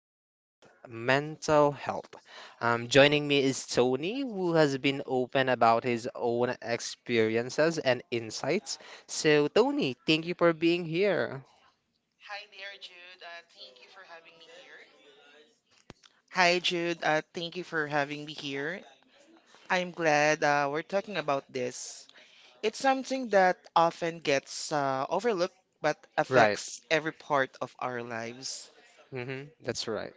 all of us mental health. Joining me is Tony, who has been open about his own experiences and insights. So, Tony, thank you for being here. Hi, Jude. Thank you for having me here. I'm glad we're talking about this. It's something that often gets overlooked but Right. affects every part of our lives. That's right.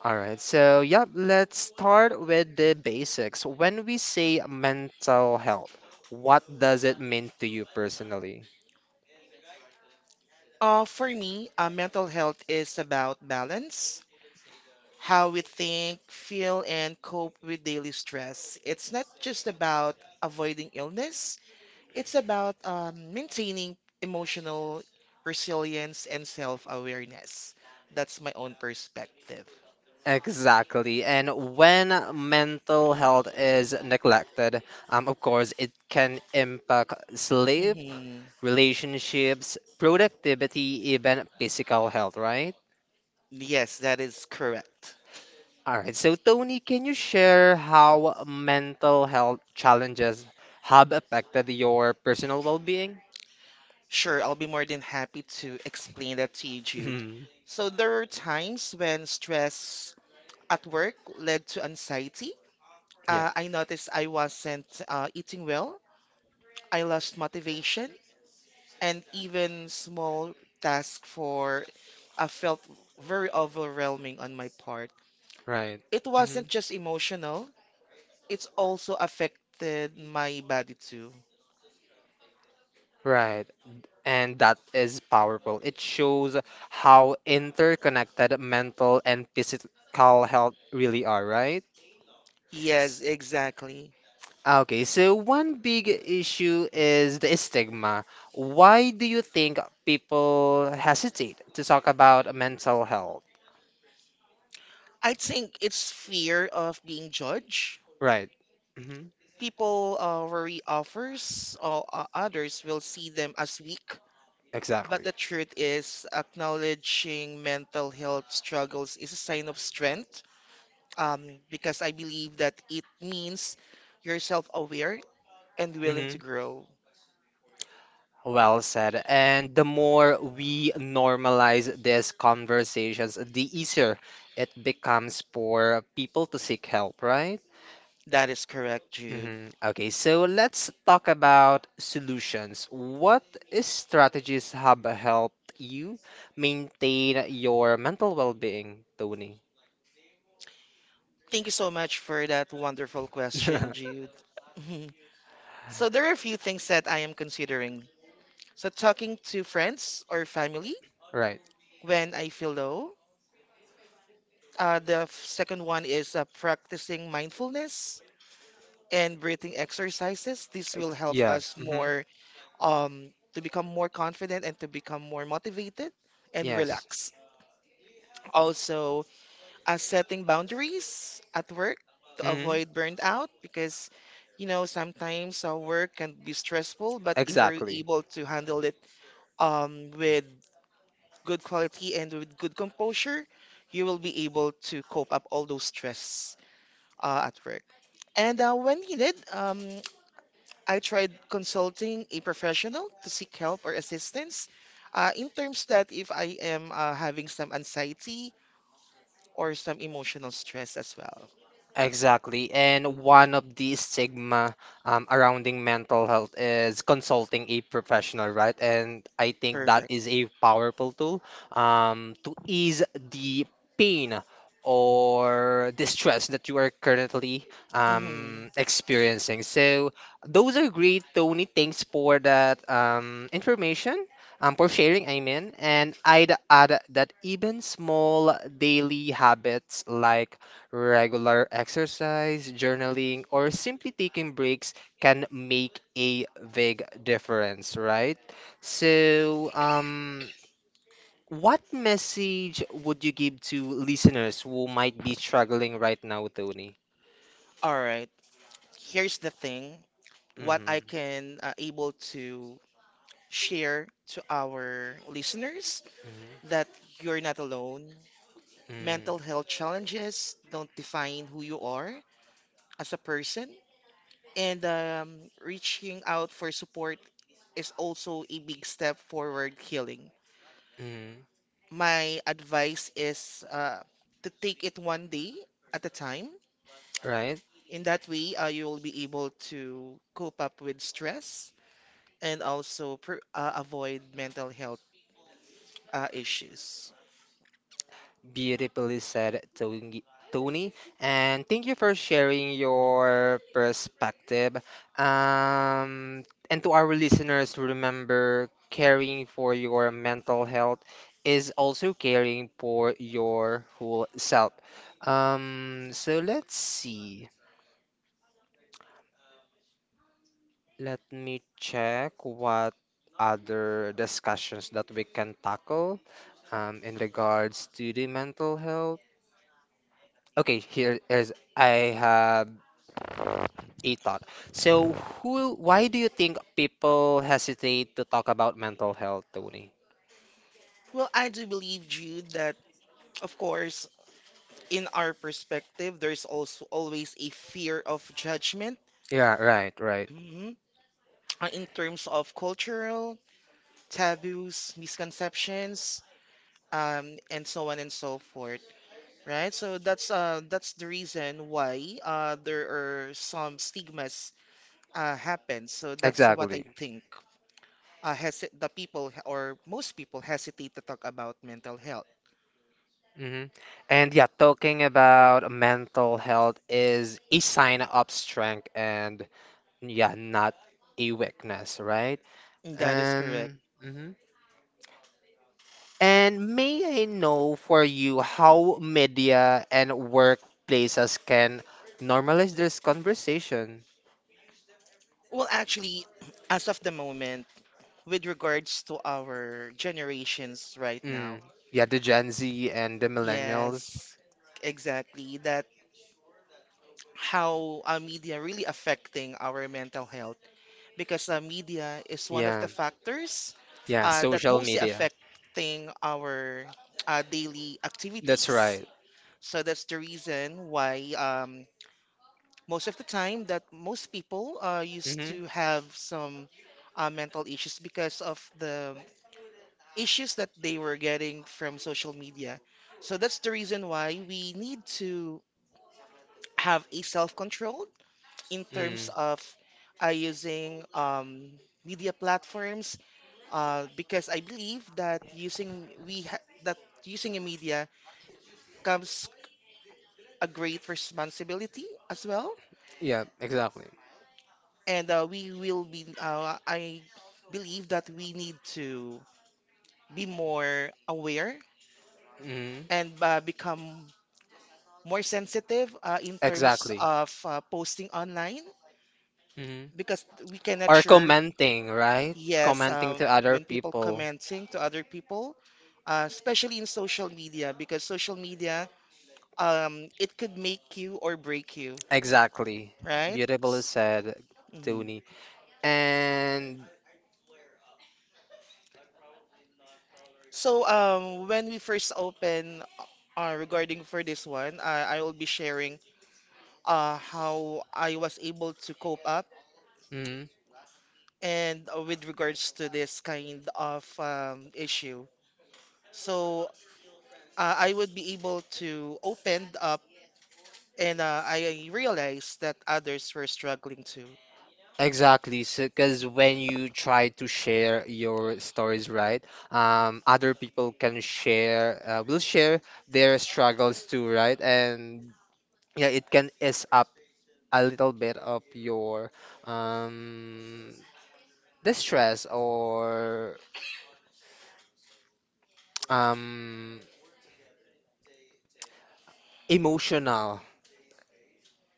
All right, so yep, let's start with the basics. When we say mental health, what does it mean to you personally? For me, mental health is about balance, how we think, feel, and cope with daily stress. It's not just about avoiding illness, it's about maintaining emotional resilience and self awareness. That's my own perspective. Exactly. And when mental health is neglected, of course, it can impact sleep, hmm relationships, productivity, even physical health, right? Yes, that is correct. All right. So, Tony, can you share how mental health challenges have affected your personal well-being? Sure, I'll be more than happy to explain that to you, Jude. Mhm. So there were times when stress at work led to anxiety. Yeah, I noticed I wasn't eating well. I lost motivation, and even small tasks for I felt very overwhelming on my part. right. It Mhm. wasn't just emotional, it's also affected my body too. Right. And that is powerful. It shows how interconnected mental and physical health really are, right? Yes, exactly. Okay, so one big issue is the stigma. Why do you think people hesitate to talk about mental health? I think it's fear of being judged. Right. hmm People worry offers or others will see them as weak. But Exactly. the truth is, acknowledging mental health struggles is a sign of strength because I believe that it means you're self-aware and willing hmm to grow. Well said. And the more we normalize these conversations, the easier it becomes for people to seek help, right? That is correct, Jude. Okay, so let's talk about solutions. What is strategies have helped you maintain your mental well-being, Tony? Thank you so much for that wonderful question, Jude. So there are a few things that I am considering. So talking to friends or family Right. when I feel low. Second one is practicing mindfulness and breathing exercises. This will help Yeah. us more um, to become more confident and to become more motivated and Yes. relax. Also, setting boundaries at work to hmm avoid burnout because sometimes work can be stressful, but if you're Exactly. able to handle it with good quality, and with good composure, you will be able to cope up all those stress at work. And when needed, I tried consulting a professional to seek help or assistance in terms that if I am having some anxiety or some emotional stress as well. Exactly. And one of the stigma surrounding mental health is consulting a professional, right? And I think that Perfect. is a powerful tool to ease the pain or distress that you are currently Mhm. Experiencing. So those are great, Tony. Thanks for that information, for sharing, I mean. And I'd add that even small daily habits like regular exercise, journaling, or simply taking breaks can make a big difference, right? So, what message would you give to listeners who might be struggling right now, Tony? All right. Here's the thing. Mm-hmm, What I mm-hmm, can able to share to our listeners that you're not alone. Mental health challenges don't define who you are as a person, and reaching out for support is also a big step forward healing. mm-hmm, My advice is to take it one day at a time. right? In that way, you will be able to cope up with stress and also pr avoid mental health issues. Beautifully said, Tony. Tony, and thank you for sharing your perspective. Um, and to our listeners, remember caring for your mental health is also caring for your whole self. So let's see. Let me check what other discussions that we can tackle in regards to the mental health. Okay, here is I have a thought. So, who, why do you think people hesitate to talk about mental health, Tony? Well, I do believe, Jude, that of course, in our perspective, there's also always a fear of judgment, Yeah, right, right. mhm, in terms of cultural taboos, misconceptions, and so on and so forth, right? So that's the reason why there are some stigmas happen. So that's what Exactly. I think hesi- the people h- or most people hesitate to talk about mental health. hmm And yeah, talking about mental health is a sign of strength and yeah, not a weakness, right? That is correct. Mhm. And may I know for you how media and workplaces can normalize this conversation? Well, actually, as of the moment, with regards to our Now generations right Mm. now, now, Yeah, the Gen Z and the millennials. yes, exactly. That how our media really affecting our mental health because media is one of the factors Yeah, that mostly affecting our daily activities. So that's the reason why most of the time that most people used to have some mental issues because of the issues that they were getting from social media. So that's the reason why we need to have a self-control in terms Mm. of using media platforms because I believe that using a media comes a great responsibility as well, Yeah, exactly. and we will be I believe that we need to be more aware hmm and become more sensitive, in terms, exactly, of posting online hmm because we cannot sure, commenting, right? yes, Commenting to other when commenting to other people, especially in social media, because social media, it could make you or break you, people, exactly. right? Beautifully said, Mhm. Tony. And So when we first open regarding for this one, I will be sharing how I was able to cope up mm, and with regards to this kind of issue. So I would be able to open up, and I realized that others were struggling too. exactly, because when you try to share your stories, right, other people can share, will share their struggles too, right? And yeah, it can ease up a little bit of your um, distress or um, emotional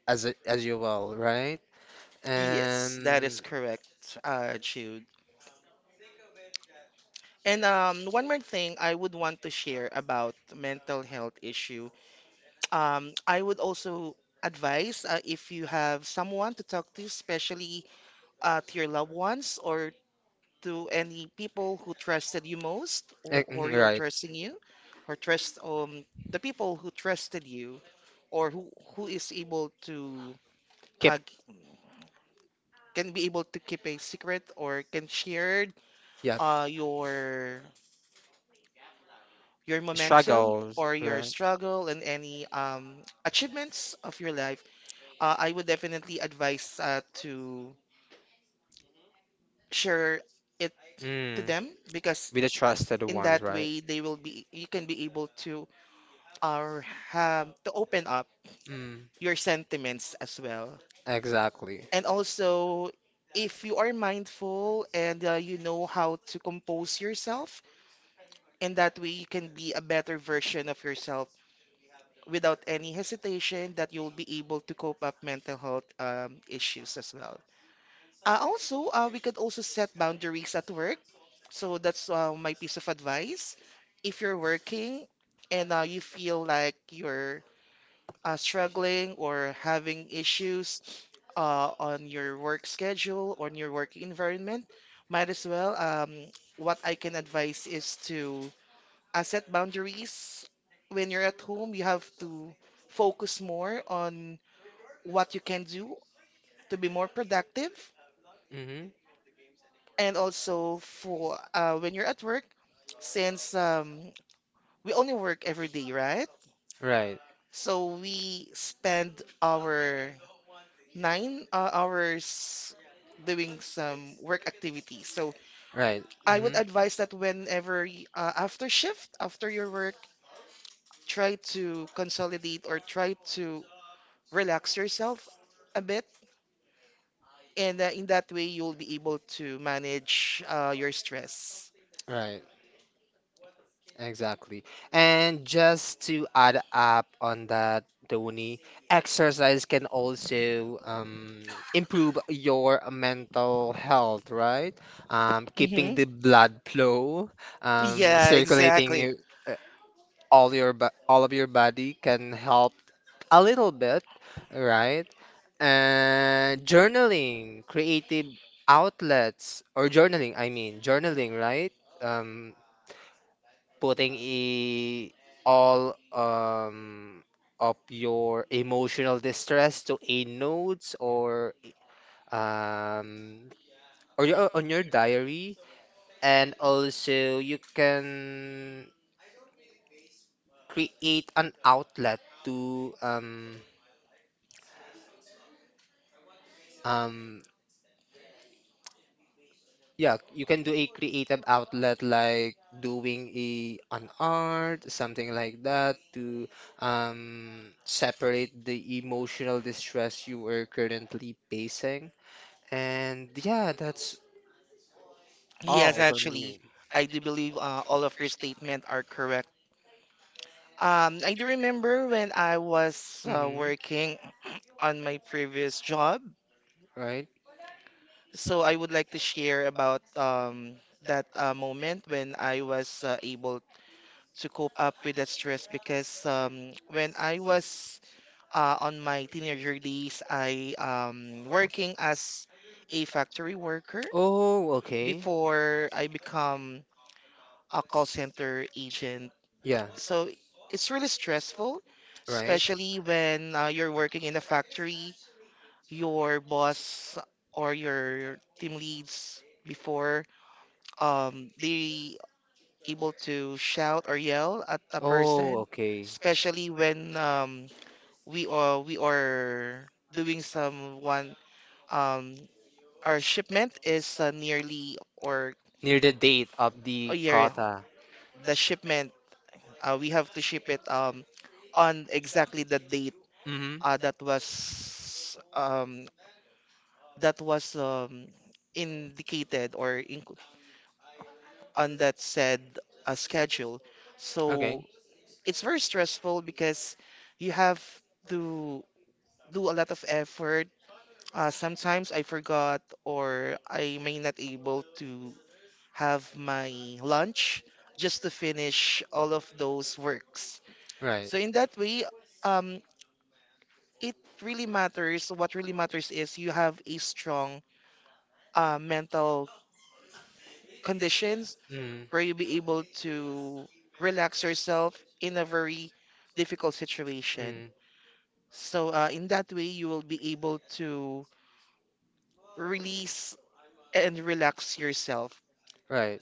as as you will, right? Yes, And that is correct, Jude. And one more thing I would want to share about mental health issue. I would also advise, if you have someone to talk to, especially to your loved ones or to any people who trusted you most, eh, or mhm, you are right, trusting you, or trust, the people who trusted you, or who is able to keep, uh, c- can be able to keep a secret or can share yeah. uh, your your momentum Struggles, or your right? struggle and any achievements of your life, I would definitely advise to share it to Mm. them because Be the trusted in ones, that right? way they will be you can be able to uh, have to open up Mm. your sentiments as well. Exactly. And also, if you are mindful and you know how to compose yourself, in that way you can be a better version of yourself without any hesitation that you'll be able to cope up mental health issues as well. Also, we could also set boundaries at work. So that's my piece of advice. If you're working and you feel like you're struggling or having issues on your work schedule, on your work environment, might as well. What I can advise is to set boundaries. When you're at home, you have to focus more on what you can do to be more productive, Mm-hmm. and also for, when you're at work, since we only work every day, right? Right. So we spend our 9 hours doing some work activities. So Right. I would Mm-hmm. advise that after shift, after your work, try to consolidate or try to relax yourself a bit, and in that way you'll be able to manage your stress. Right, exactly. And just to add up on that, Tony, exercise can also improve your mental health, right? Keeping hmm the blood flow, Yeah, circulating would exactly. your- uh, all your bo- all of your body can help a little bit, right? And journaling, creative outlets, or journaling, I mean, journaling, right? Um, putting e all of your emotional distress to a notes um or your, on your diary, and also you can create an outlet to um yeah, you can do a creative outlet like doing a an art, something like that to separate the emotional distress you are currently facing. And yeah, that's all Yes, for me. actually, I do believe all of your statements are correct. I do remember when I was hmm working on my previous job. Right? So I would like to share about that moment when I was able to cope up with that stress because when I was on my teenager days, I, working as a factory worker Oh, okay. before I become a call center agent. Yeah, So it's really stressful, right. especially when you're working in a factory, your boss or your team leads before, they able to shout or yell at a Oh, person, okay. especially when we are doing someone, um, our shipment is nearly or Near the date of a the year, kata. the shipment, we have to ship it, on exactly the date Kota. Mm-hmm. uh, that was um, that was indicated on that said schedule. So Okay, it's very stressful because you have to do a lot of effort. Sometimes I forgot or I may not able to have my lunch just to finish all of those works. right. So in that way, um, it really matters. What really matters is you have a strong mental conditions where you'll be able to relax yourself in a very difficult situation. Mm, So, in that way, you will be able to release and relax yourself. right,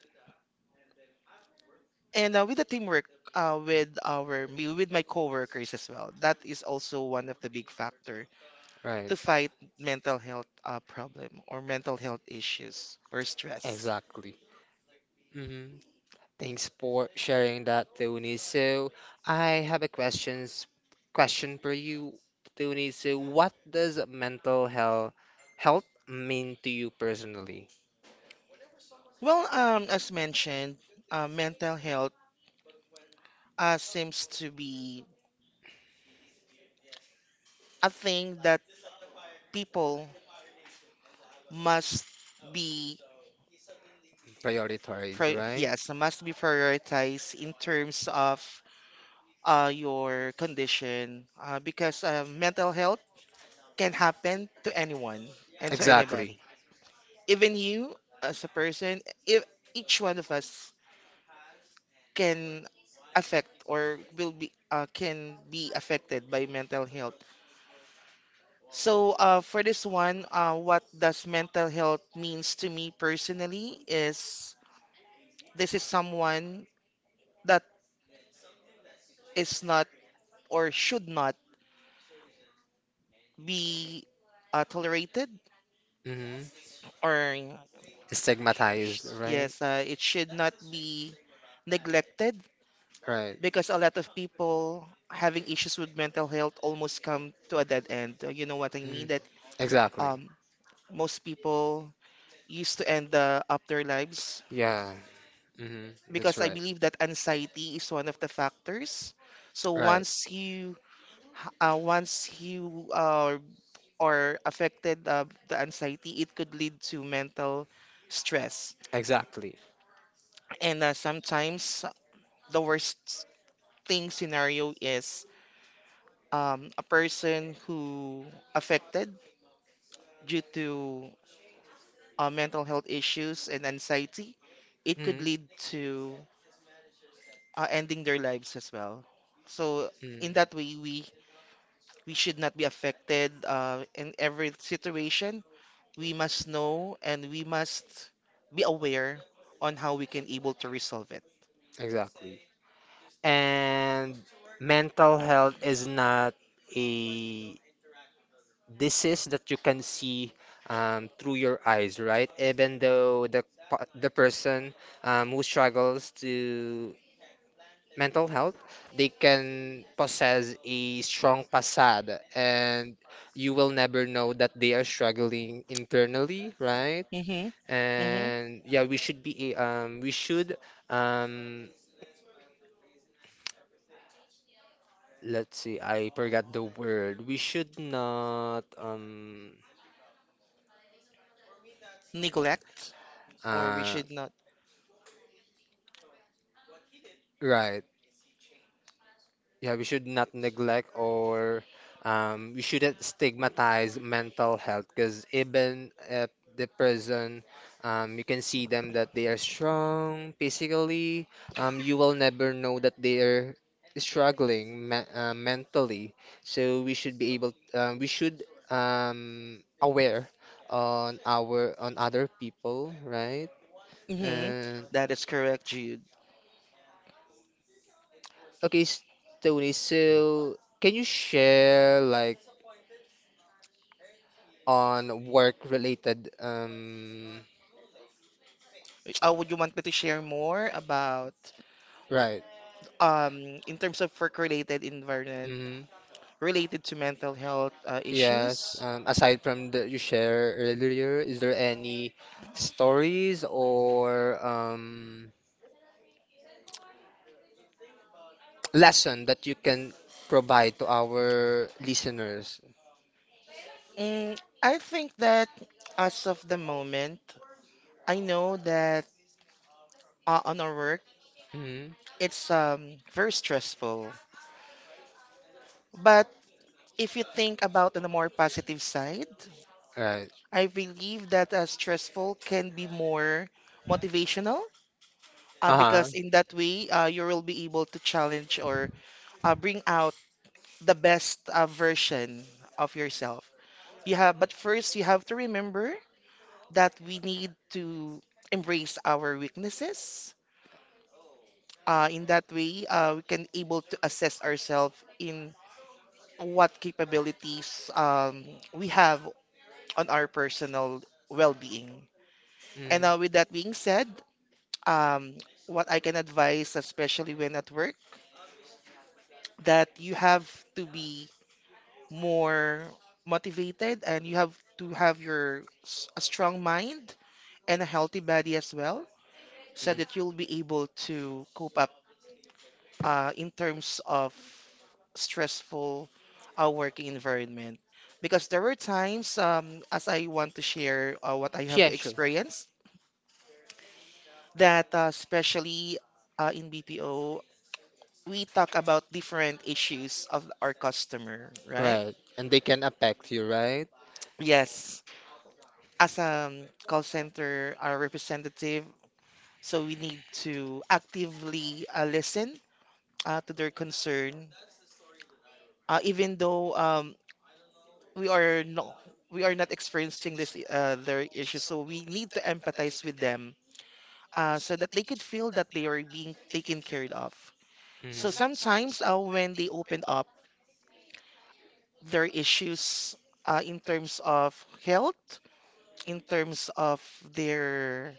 And with the teamwork, with with my coworkers as well, that is also one of the big factor right. to fight mental health problem or mental health issues or stress. Exactly. hmm Thanks for sharing that, Tony. So I have a questions question for you, Tony. So what does mental health health mean to you personally? Well, as mentioned, mental health seems to be a thing that people must be, Priorities, right? yes, must We be prioritized in terms of your condition, because mental health can happen to anyone mental and to anybody, exactly. even you as a person, if each one of us can affect or will be can be affected by mental health. So, for this one, what does mental health means to me personally is this is someone that is not or should not be tolerated, hmm or Stigmatized, right? yes, it should not be neglected Right. because a lot of people having issues with mental health almost come to a dead end. You know what I mean? Mm, That exactly. um, most people used to end up their lives Yeah. That's because I right. believe that anxiety is one of the factors. So Right. once you ha- uh, once you uh, are affected of the anxiety, it could lead to mental stress. Exactly. And sometimes the worst thing scenario is a person who affected due to mental health issues and anxiety. It could Mm, lead to ending their lives as well. So in in that mm, way, we should not be affected in every situation. We must know and we must be aware on how we can able to resolve it. exactly. And mental health is not a disease that you can see through your eyes, right? Even though the pa- the person who struggles to mental health, they can possess a strong facade and you will never know that they are struggling internally, right? Hmm. Hmm. And yeah, we should be we should um let's see, I forgot the word. We should not Neglect, or we uh should not. right. Yeah, we should not neglect or we shouldn't stigmatize mental health because even at the prison, you can see them that they are strong physically. You will never know that they are struggling me mentally. So we should be able, we should aware on our on other people, right? Hmm. And That is correct, Jude. okay, s- Tony, so can you share like on work-related Would you want me to share more about right. In terms of work-related environment hmm related to mental health Yes, issues? Aside from the you share earlier, is there any stories or lesson that you can provide to our listeners? I think that as of the moment, I know that on our work, hmm it's very stressful. But if you think about on the more positive side, Right. I believe that stressful can be more motivational Uh-huh. because in that way you will be able to challenge or bring out the best version of yourself. You have, but first you have to remember that we need to embrace our weaknesses. In that way, we can able to assess ourselves in what capabilities we have on our personal well-being. And Mhm. now, with that being said, um, what I can advise, especially when at work, that you have to be more motivated and you have to have a strong mind and a healthy body as well, so that you'll be able to cope up in terms of stressful working environment. Because there were times, as I want to share what I Mhm. have Yeah, sure. experienced, that especially in BPO, we talk about different issues of our customer, right? Right. And they can affect you, right? Yes, as a call center representative, so we need to actively listen to their concern, even though we are no we are not experiencing this their issues, so we need to empathize with them so that they could feel that they are being taken care of. So Mm-hmm. sometimes when they open up their issues in terms of health, in terms of their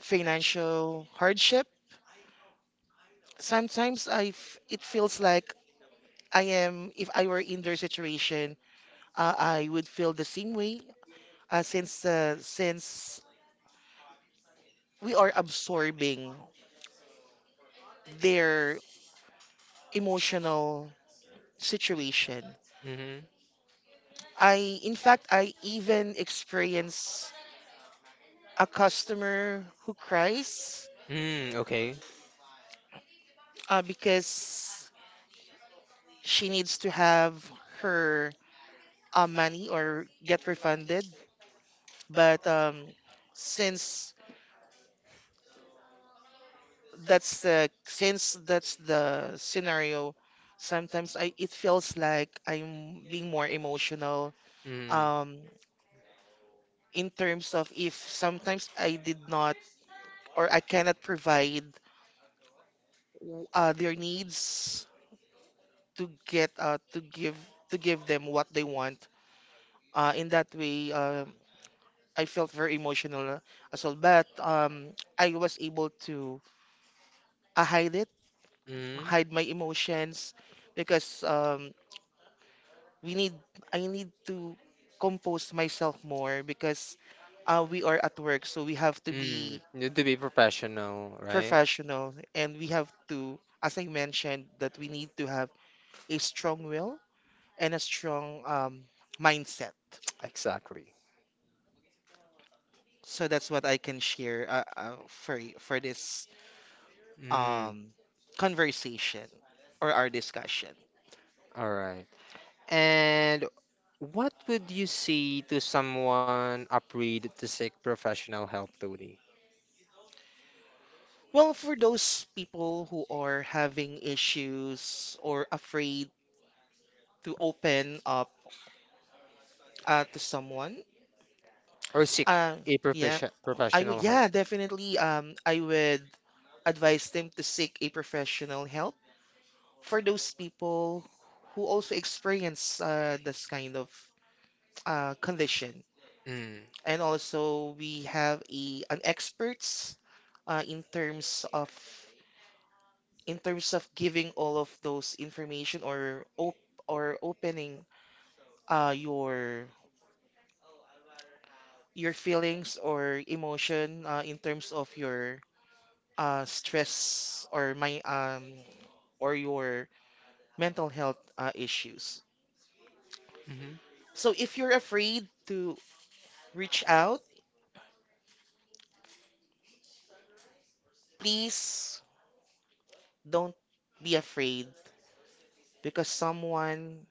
financial hardship, sometimes it feels like I am if I were in their situation, I would feel the same way, since we are absorbing their emotional situation. Mm-hmm. In fact, I even experience a customer who cries Mm, okay. Because she needs to have her money or get refunded. But since since that's the scenario, sometimes I it feels like I'm being more emotional, Mm. um, in terms of if sometimes I did not or I cannot provide their needs to get to give them what they want. In that way, I felt very emotional as well. But I was able to uh, hide it, Mm. Mm. hide my emotions, because we need I need to compose myself more because we are at work, so we have to You be need to be professional, right? professional, and we have to, as I mentioned, that we need to have a strong will and a strong mindset. Exactly. So that's what I can share for this Mm. um, conversation or our discussion. All right. And what would you say to someone upgrade to seek professional help, Tony? Well, for those people who are having issues or afraid to open up to someone, Or seek uh, a yeah, profession I would professional help? yeah definitely, I would advise them to seek a professional help, for those people who also experience this kind of condition. Mm. And also we have a an experts uh, in terms of in terms of giving all of those information, or opening uh, your your feelings or emotion, in terms of your stress or my or your mental health issues. Mm-hmm. So if you're afraid to reach out, please don't be afraid, because someone—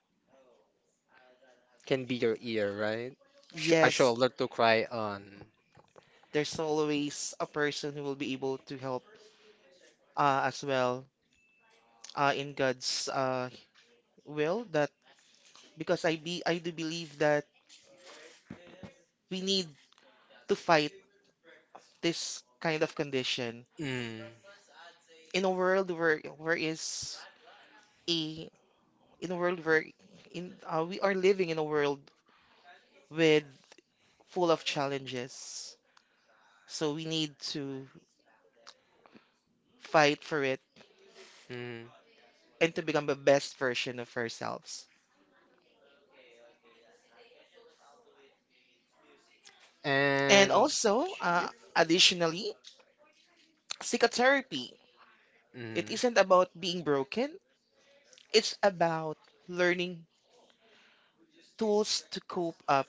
Can be your ear, right? Sh a yes, shoulder to cry on. there's always a person who will be able to help as well, in God's will. That Because I do believe that we need to fight this kind of condition Mm, in a a world where, in we are living in a world with full of challenges. So we need to fight for it mm. and to become the best version of ourselves. And And also, yep. additionally, psychotherapy. Mm, It isn't about being broken, it's about learning tools to cope up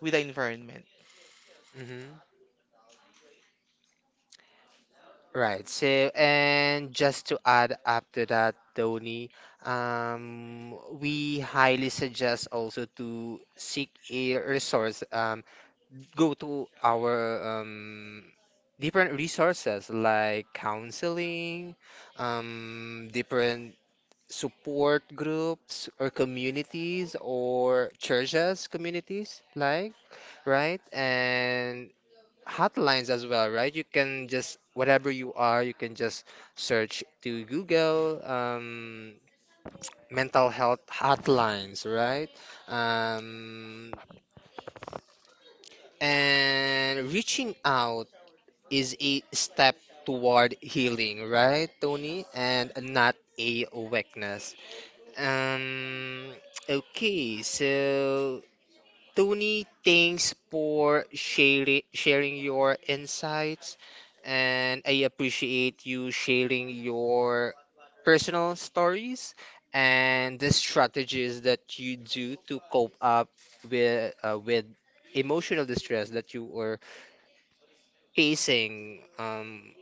with the environment. hmm right. So, and just to add up to that, Tony, we highly suggest also to seek a resource. Go to our um, different resources like counseling, different support groups or communities or churches communities like right and hotlines as well right you can just whatever you are you can just search to Google mental health hotlines right um, and reaching out is a step toward healing right Tony and not a weakness. Um, okay, so Tony, thanks for sharing your insights, and I appreciate you sharing your personal stories and the strategies that you do to cope up with emotional distress that you were facing,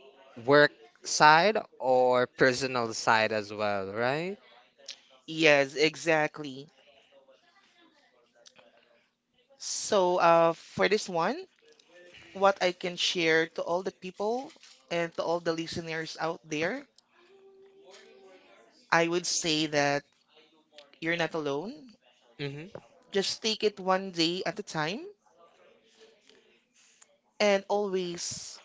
work side or personal side as well, right? Yes, exactly. So, for this one, what I can share to all the people and to all the listeners out there, I would say that you're not alone. Mm-hmm. Just take it one day at a time and always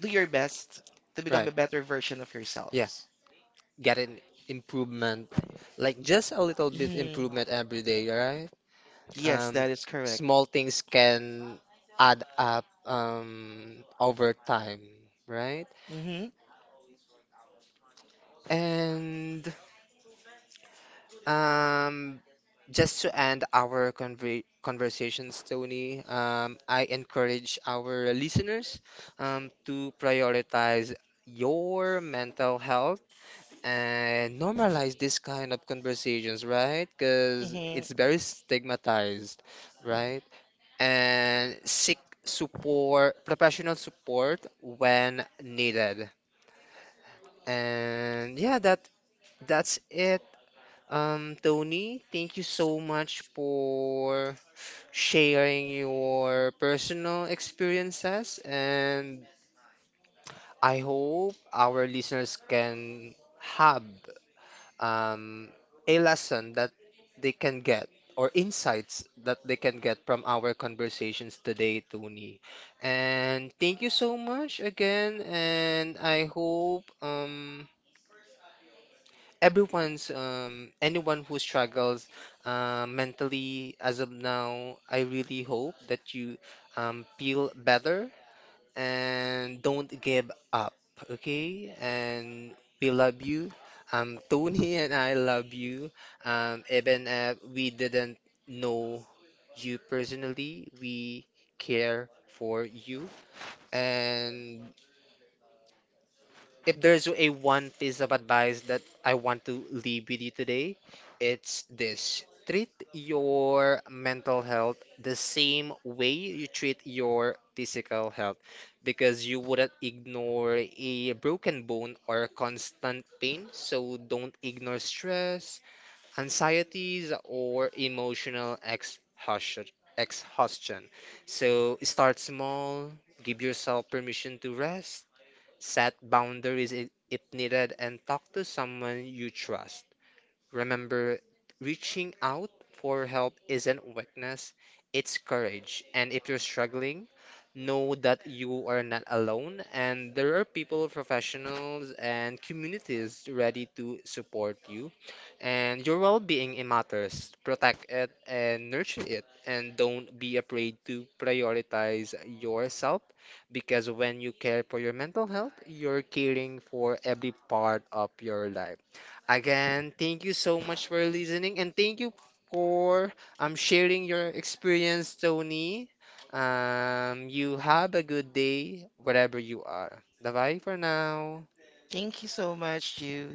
do your best to become a Right. better version of Yeah, yourselves. get an improvement, like just a little bit Mhm. improvement every day, right? Yes, Um, that is correct. small things can add up over time, right? Hmm. And um, just to end our conver conversations, Tony, I encourage our listeners to prioritize your mental health and normalize this kind of conversations, right? Because Hmm. it's very stigmatized, right? And seek support, professional support when needed. And yeah, that that's it. Tony, thank you so much for sharing your personal experiences, and I hope our listeners can have um, a lesson that they can get or insights that they can get from our conversations today, Tony. And thank you so much again, and I hope everyone's anyone who struggles mentally as of now, I really hope that you feel better and don't give up, okay? And we love you. Tony and I love you. Even if we didn't know you personally, we care for you. And if there's a one piece of advice that I want to leave with you today, it's this. Treat your mental health the same way you treat your physical health because you wouldn't ignore a broken bone or constant pain. So don't ignore stress, anxieties, or emotional exhaustion. So start small, give yourself permission to rest. Set boundaries if needed and talk to someone you trust. Remember, reaching out for help isn't weakness, it's courage. And if you're struggling, know that you are not alone and there are people, professionals, and communities ready to support you. And your well-being it matters. Protect it and nurture it. And don't be afraid to prioritize yourself because when you care for your mental health, you're caring for every part of your life. Again, thank you so much for listening and thank you for sharing your experience, Tony. You have a good day wherever you are. Bye bye for now. Thank you so much, you.